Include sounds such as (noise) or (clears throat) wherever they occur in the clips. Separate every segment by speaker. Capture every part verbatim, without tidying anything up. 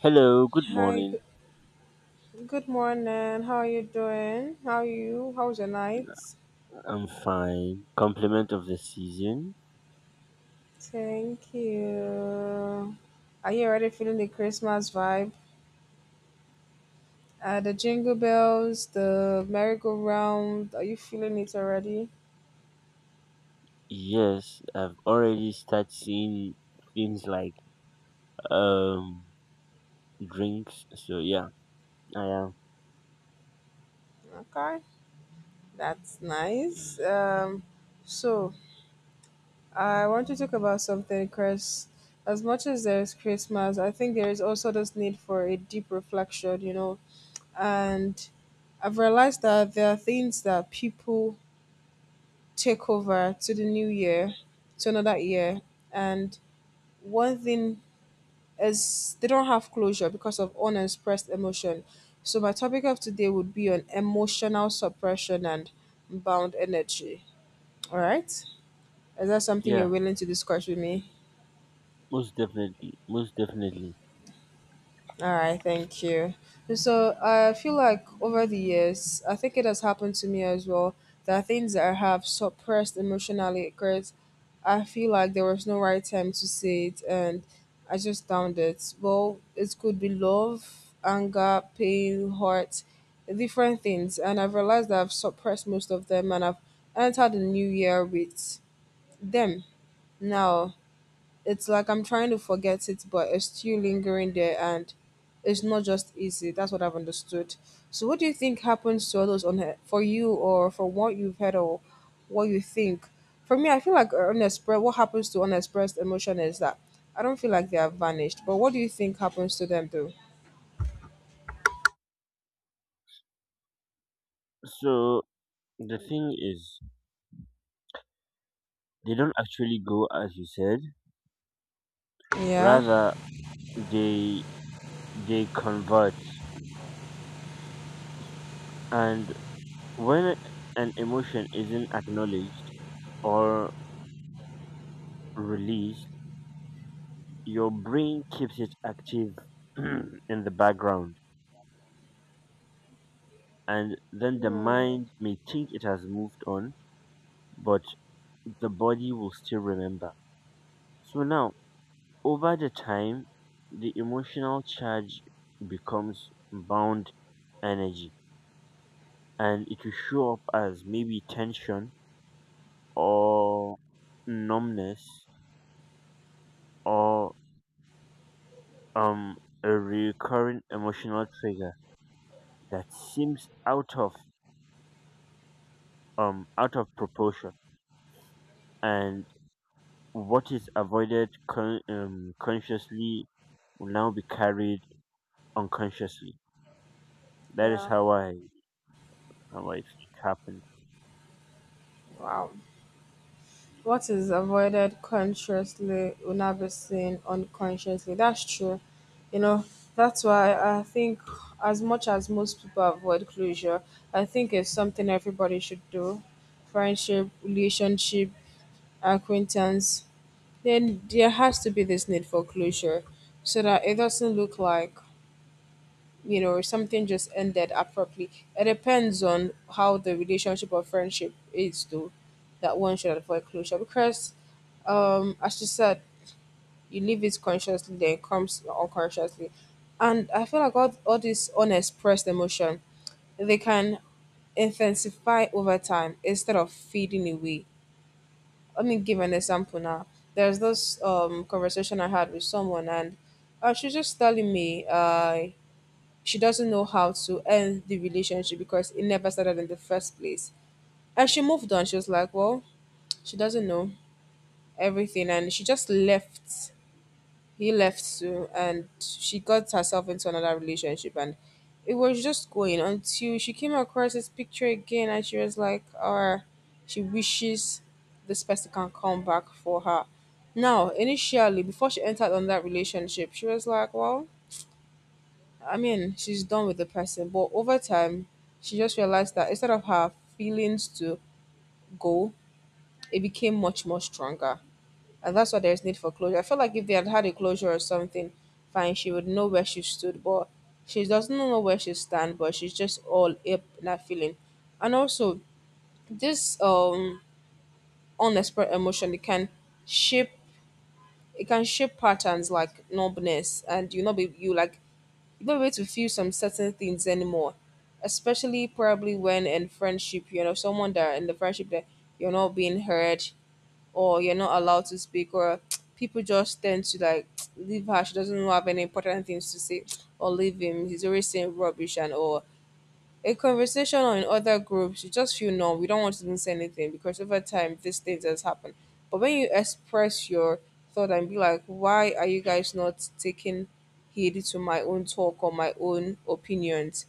Speaker 1: Hello, good
Speaker 2: Hi, g-
Speaker 1: morning.
Speaker 2: good morning. How are you doing? How are you? How's your night?
Speaker 1: I'm fine. Compliment of the season.
Speaker 2: Thank you. Are you already feeling the Christmas vibe? Uh, the jingle bells, the merry-go-round. Are you feeling it already?
Speaker 1: Yes, I've already started seeing things like um drinks. So yeah, I am.
Speaker 2: Okay, that's nice. Um, so I want to talk about something, Chris. As much as there is Christmas, I think there is also this need for a deep reflection, you know. And I've realized that there are things that people take over to the new year, to another year. And one thing is they don't have closure because of unexpressed emotion. So my topic of today would be on emotional suppression and bound energy. All right? Is that something you're
Speaker 1: Yeah,
Speaker 2: willing to discuss with me?
Speaker 1: most definitely, most definitely.
Speaker 2: All right, thank you. So I feel like over the years, I think it has happened to me as well. There are things that I have suppressed emotionally because I feel like there was no right time to say it and I just downed it. Well, it could be love, anger, pain, hurt, different things. And I've realized that I've suppressed most of them and I've entered the new year with them. Now it's like I'm trying to forget it, but it's still lingering there and it's not just easy. That's what I've understood. So what do you think happens to others on he- for you or for what you've heard or what you think? For me, I feel like unexpressed, what happens to unexpressed emotion is that I don't feel like they have vanished. But what do you think happens to them though?
Speaker 1: So the thing is, they don't actually go as you said.
Speaker 2: Yeah.
Speaker 1: Rather, they they convert. And when an emotion isn't acknowledged or released, your brain keeps it active (clears throat) in the background, and then the
Speaker 2: Hmm,
Speaker 1: mind may think it has moved on, but the body will still remember. So now, over the time, the emotional charge becomes bound energy, and it will show up as maybe tension or numbness or um a recurring emotional trigger that seems out of um out of proportion. And What is avoided con- um, consciously will now be carried unconsciously. That is
Speaker 2: yeah.
Speaker 1: how I how I think happened.
Speaker 2: Wow. What is avoided consciously will not be seen unconsciously. That's true. You know, that's why I think, as much as most people avoid closure, I think it's something everybody should do: friendship, relationship, acquaintance. Then there has to be this need for closure so that it doesn't look like, you know, something just ended abruptly. It depends on how the relationship or friendship is, though, that one should avoid closure because, um as you said, you leave it consciously then it comes unconsciously, and I feel like all, all this unexpressed emotion, they can intensify over time instead of fading away. Let me give an example now. There's this um conversation I had with someone, and uh, she's just telling me uh she doesn't know how to end the relationship because it never started in the first place. And she moved on. She was like, well, she doesn't know everything, and she just left. He left soon and she got herself into another relationship, and it was just going until she came across his picture again, and she was like, uh she wishes this person can come back for her. Now initially, before she entered on that relationship, she was like, well, I mean, she's done with the person, but over time she just realized that instead of her feelings to go, it became much more stronger. And that's why there's need for closure. I feel like if they had had a closure or something, fine, she would know where she stood, but she doesn't know where she stand, but she's just all up in that feeling. And also, this um unexpressed emotion, it can shape, it can shape patterns like numbness, and you not be you, like you don't be able to feel some certain things anymore, especially probably when in friendship, you know, someone that, in the friendship, that you're not being heard, or you're not allowed to speak, or people just tend to like, (tsk) leave her, she doesn't have any important things to say, or leave him, he's always saying rubbish and all. A conversation or in other groups, you just feel, no, we don't want to even say anything because over time these things has happened. But when you express your thought and be like, why are you guys not taking heed to my own talk or my own opinions?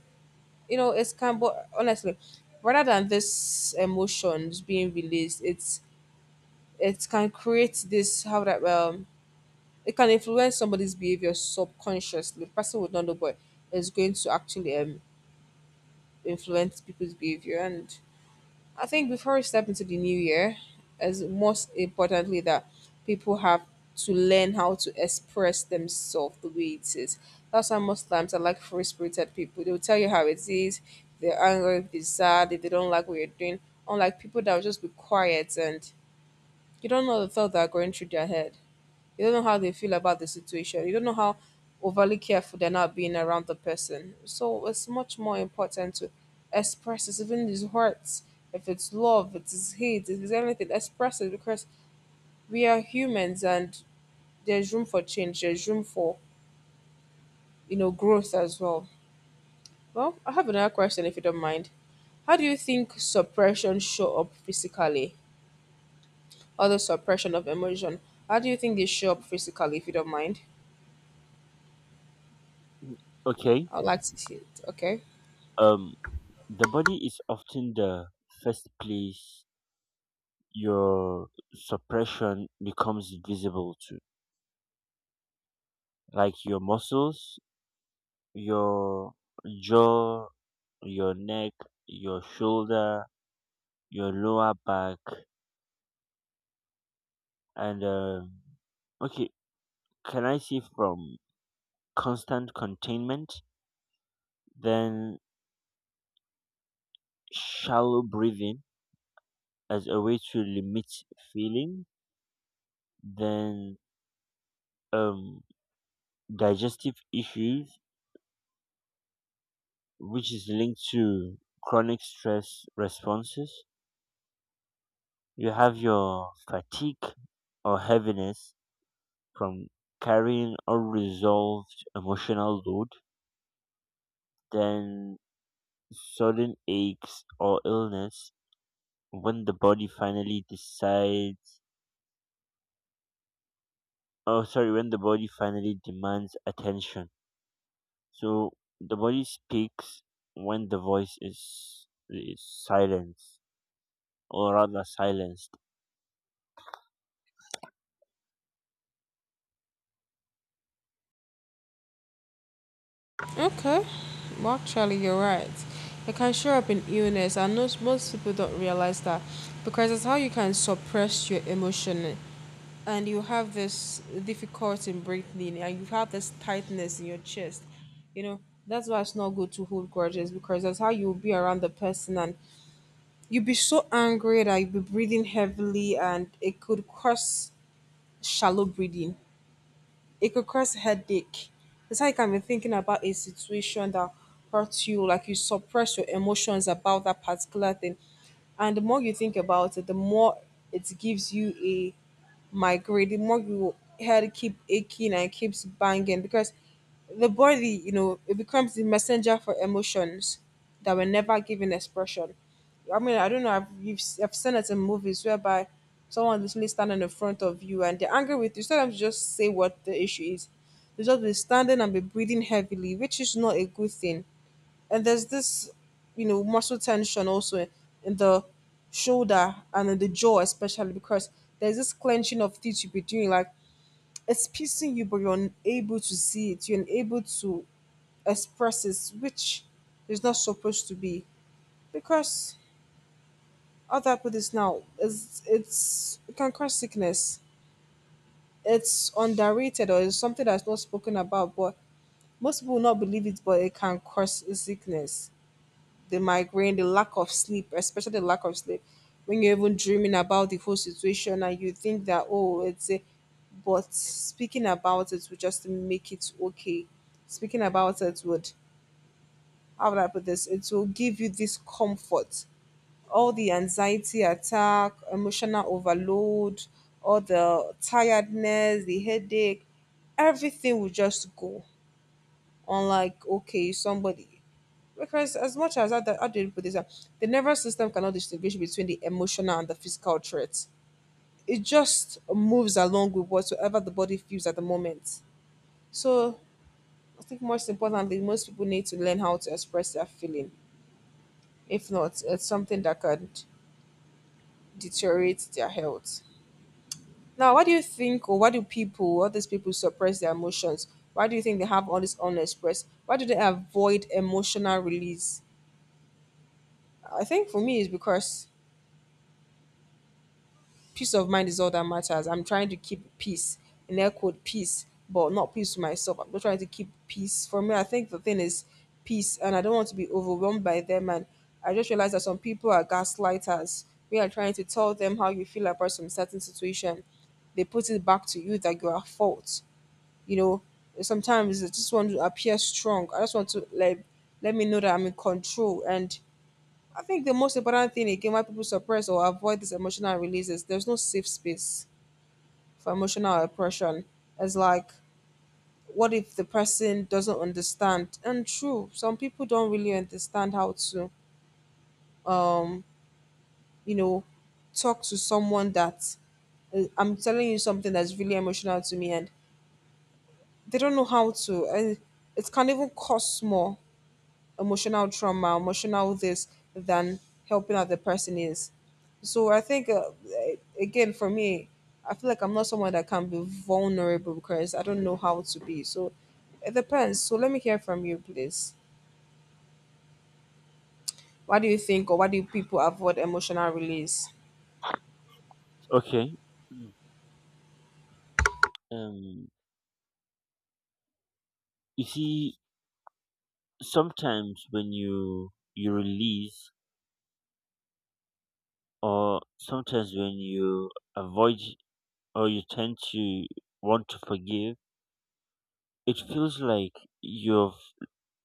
Speaker 2: You know, it's kind of, but honestly, rather than this emotions being released, it's, it can create this, how that, um it can influence somebody's behavior subconsciously. The person would not know, but it's going to actually, um influence people's behavior. And I think before we step into the new year, as most importantly, that people have to learn how to express themselves the way it is. That's why most times I like free spirited people. They'll tell you how it is, if they're angry, if they're sad, if they don't like what you're doing. Unlike people that will just be quiet and you don't know the thought that are going through their head. You don't know how they feel about the situation. You don't know how overly careful they're not being around the person. So it's much more important to express it, even his hurts. If it's love, if it's hate, if it's anything, express it because we are humans and there's room for change. There's room for, you know, growth as well. Well, I have another question if you don't mind. How do you think suppression show up physically? Or the suppression of emotion. How do you think they show up physically if you don't mind?
Speaker 1: Okay.
Speaker 2: I'd like to see it. Okay.
Speaker 1: Um, the body is often the first place your suppression becomes visible to, like your muscles, your jaw, your neck, your shoulder, your lower back, and um, okay. Can I say from constant containment? Then shallow breathing as a way to limit feeling, then um, digestive issues, which is linked to chronic stress responses. You have your fatigue or heaviness from carrying unresolved emotional load, then sudden aches or illness when the body finally decides, oh, sorry, when the body finally demands attention. So the body speaks when the voice is is silenced, or rather silenced.
Speaker 2: Okay. Well, actually, you're right. It can show up in illness, and most, most people don't realize that because it's how you can suppress your emotion. And you have this difficulty in breathing, and you have this tightness in your chest. You know, that's why it's not good to hold grudges, because that's how you'll be around the person, and you'll be so angry that you'll be breathing heavily, and it could cause shallow breathing, it could cause headache. It's like I can be thinking about a situation that hurts you, like you suppress your emotions about that particular thing. And the more you think about it, the more it gives you a migraine, the more your head keep aching and keeps banging because the body, you know, it becomes the messenger for emotions that were never given expression. I mean, I don't know. I've, you've, I've seen it in movies whereby someone literally standing in front of you and they're angry with you. Sometimes you just say what the issue is. They just be standing and be breathing heavily, which is not a good thing. And there's this, you know, muscle tension also in the shoulder and in the jaw, especially because there's this clenching of teeth you be doing. Like it's piecing you, but you're unable to see it. You're unable to expresses, which is not supposed to be, because how that put this now is, it's, it can cause sickness. It's underrated, or it's something that's not spoken about, but most people will not believe it, but it can cause sickness. The migraine, the lack of sleep, especially the lack of sleep when you're even dreaming about the whole situation, and you think that, oh, it's a, but speaking about it would just make it okay. Speaking about it would, how would I put this? It will give you this comfort. All the anxiety attack, emotional overload, all the tiredness, the headache, everything will just go. Unlike okay, somebody. Because as much as I, I did put this up, the nervous system cannot distinguish between the emotional and the physical threats. It just moves along with whatsoever the body feels at the moment. So I think most importantly, most people need to learn how to express their feeling. If not, it's something that could deteriorate their health. Now, what do you think, or why do people, all these people, suppress their emotions? Why do you think they have all this unexpressed? Why do they avoid emotional release? I think for me, it's because peace of mind is all that matters. I'm trying to keep peace, in air quote, peace, but not peace to myself. I'm not trying to keep peace. For me, I think the thing is peace, and I don't want to be overwhelmed by them. And I just realized that some people are gaslighters. We are trying to tell them how you feel about some certain situation. They put it back to you that you are at fault. You know, sometimes I just want to appear strong. I just want to like, let me know that I'm in control. And I think the most important thing again, why people suppress or avoid these emotional releases, there's no safe space for emotional oppression. It's like, what if the person doesn't understand? And true, some people don't really understand how to, um, you know, talk to someone that, uh, I'm telling you something that's really emotional to me, and they don't know how to, and it can even cost more emotional trauma, emotional this, than helping out the person is. So I think, uh, eh, again, for me, I feel like I'm not someone that can be vulnerable because I don't know how to be. So it depends. So let me hear from you, please. What do you think, or why do people avoid emotional release?
Speaker 1: Okay. Mm. Um. You see, sometimes when you you release, or sometimes when you avoid, or you tend to want to forgive, it feels like you've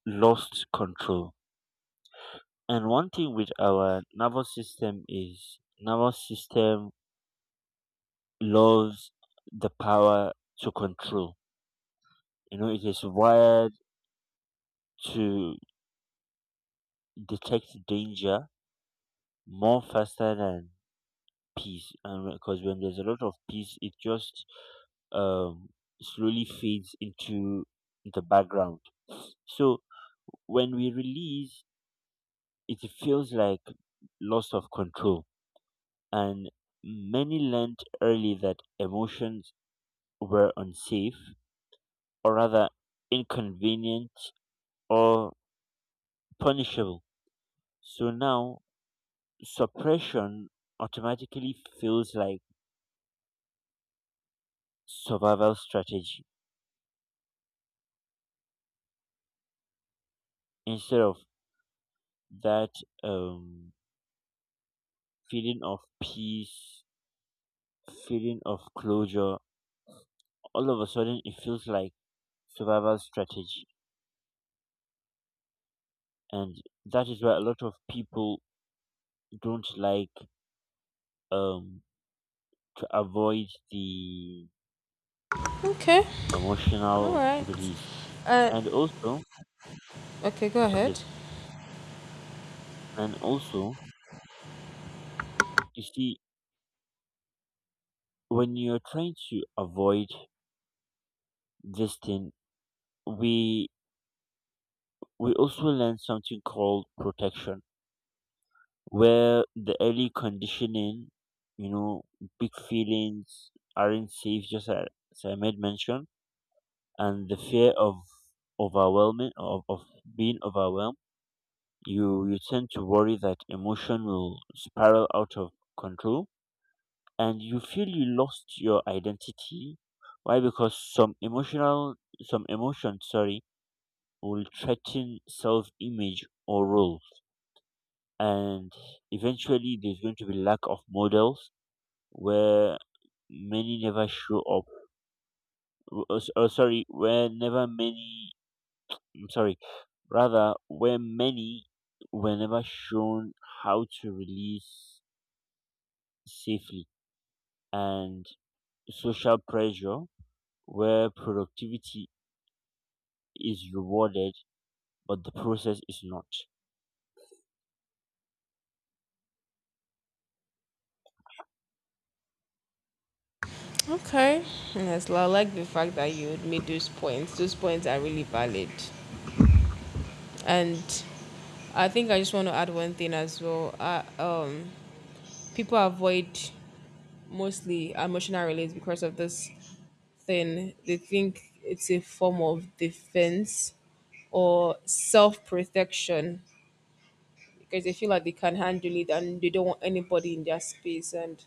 Speaker 1: lost control. And one thing with our nervous system is nervous system loves the power to control. You know, it is wired to detect danger more faster than peace. And because when there's a lot of peace, it just um, slowly fades into the background. So when we release, it feels like loss of control. And many learned early that emotions were unsafe, or rather inconvenient or punishable. So now suppression automatically feels like survival strategy instead of that um, feeling of peace, feeling of closure. All of a sudden, it feels like survival strategy, and that is why a lot of people don't like um, to avoid the
Speaker 2: Okay. All
Speaker 1: emotional
Speaker 2: right.
Speaker 1: release.
Speaker 2: Uh,
Speaker 1: And also,
Speaker 2: Okay, go ahead.
Speaker 1: yes, and also, you see, when you're trying to avoid this thing, we we also learn something called protection, where the early conditioning, you know, big feelings aren't safe, just as I made mention, and the fear of overwhelming of, of being overwhelmed. You you tend to worry that emotion will spiral out of control, and you feel you lost your identity. Why? Because some emotional some emotions sorry will threaten self image or role. And eventually there's going to be lack of models, where many never show up w- uh, s- uh, sorry where never many I'm sorry rather where many were never shown how to release safely. And social pressure, where productivity is rewarded but the process is not.
Speaker 2: Okay. Yes, I like the fact that you made those points. Those points are really valid, and I think I just want to add one thing as well. Uh, um, people avoid mostly emotional release because of this thing. They think it's a form of defense or self protection because they feel like they can handle it and they don't want anybody in their space. And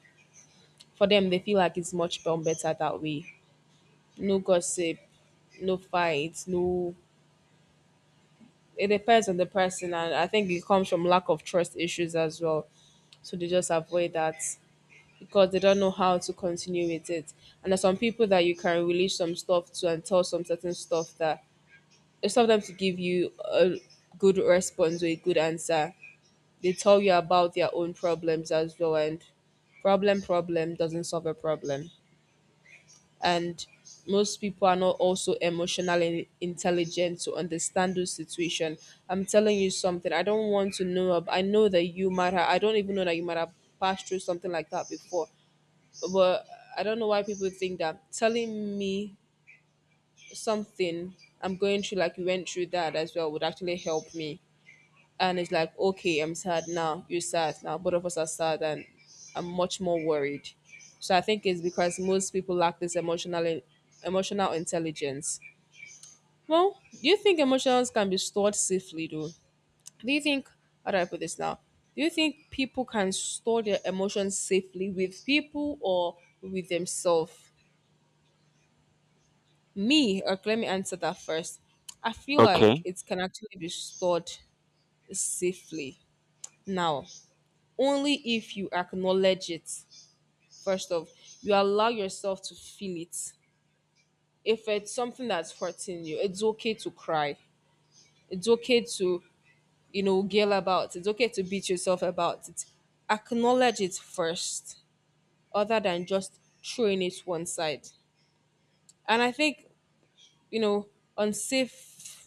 Speaker 2: for them, they feel like it's much more better that way. No gossip, no fights, no. It depends on the person, and I think it comes from lack of trust issues as well, so they just avoid that because they don't know how to continue with it. And there's some people that you can relate some stuff to and tell some certain stuff that instead of them to give you a good response or a good answer, they tell you about their own problems as well. And problem, problem doesn't solve a problem. And most people are not also emotionally intelligent to understand those situation. I'm telling you something. I don't want to know. Ab- I know that you might have. I don't even know that you might have passed through something like that before, but I don't know why people think that telling me something I'm going through, like you went through that as well, would actually help me. And it's like, okay, I'm sad now, you're sad now, both of us are sad, and I'm much more worried. So I think it's because most people lack this emotional emotional intelligence. Well, do you think emotions can be stored safely though? Do you think, how do I put this now? Do you think people can store their emotions safely with people or with themselves? Me, or let me answer that first. I feel like
Speaker 1: Okay.
Speaker 2: it can actually be stored safely now, only if you acknowledge it. First of, you allow yourself to feel it. If it's something that's hurting you, it's okay to cry. It's okay to, you know, yell about. It's okay to beat yourself about it. Acknowledge it first, other than just throwing it one side. And I think, you know, unsafe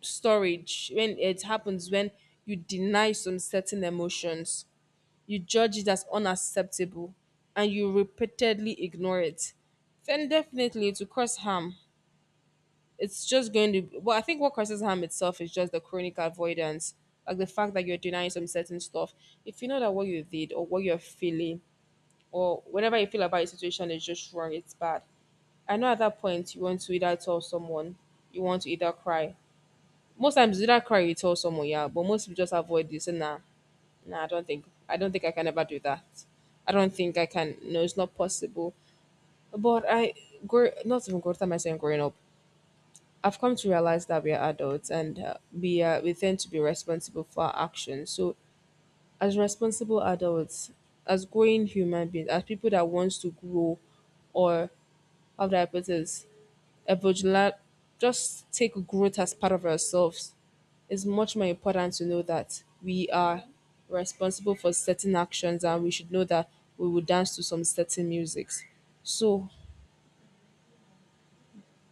Speaker 2: storage when it happens when you deny some certain emotions, you judge it as unacceptable, and you repeatedly ignore it, then definitely to cause harm. It's just going to, well, I think what causes harm itself is just the chronic avoidance, like the fact that you're denying some certain stuff. If you know that what you did or what you're feeling or whatever you feel about a situation is just wrong, it's bad. I know at that point you want to either tell someone, you want to either cry. Most times, it's either cry or you tell someone, yeah. But most people just avoid this. And nah, nah, I don't think, I don't think I can ever do that. I don't think I can. No, it's not possible. But I, grow, not even growth time. I saying growing up, I've come to realize that we are adults and uh, we uh, we tend to be responsible for our actions. So as responsible adults, as growing human beings, as people that wants to grow, or how do I put this? Evolutionary, just take growth as part of ourselves. It's much more important to know that we are responsible for certain actions and we should know that we will dance to some certain musics. So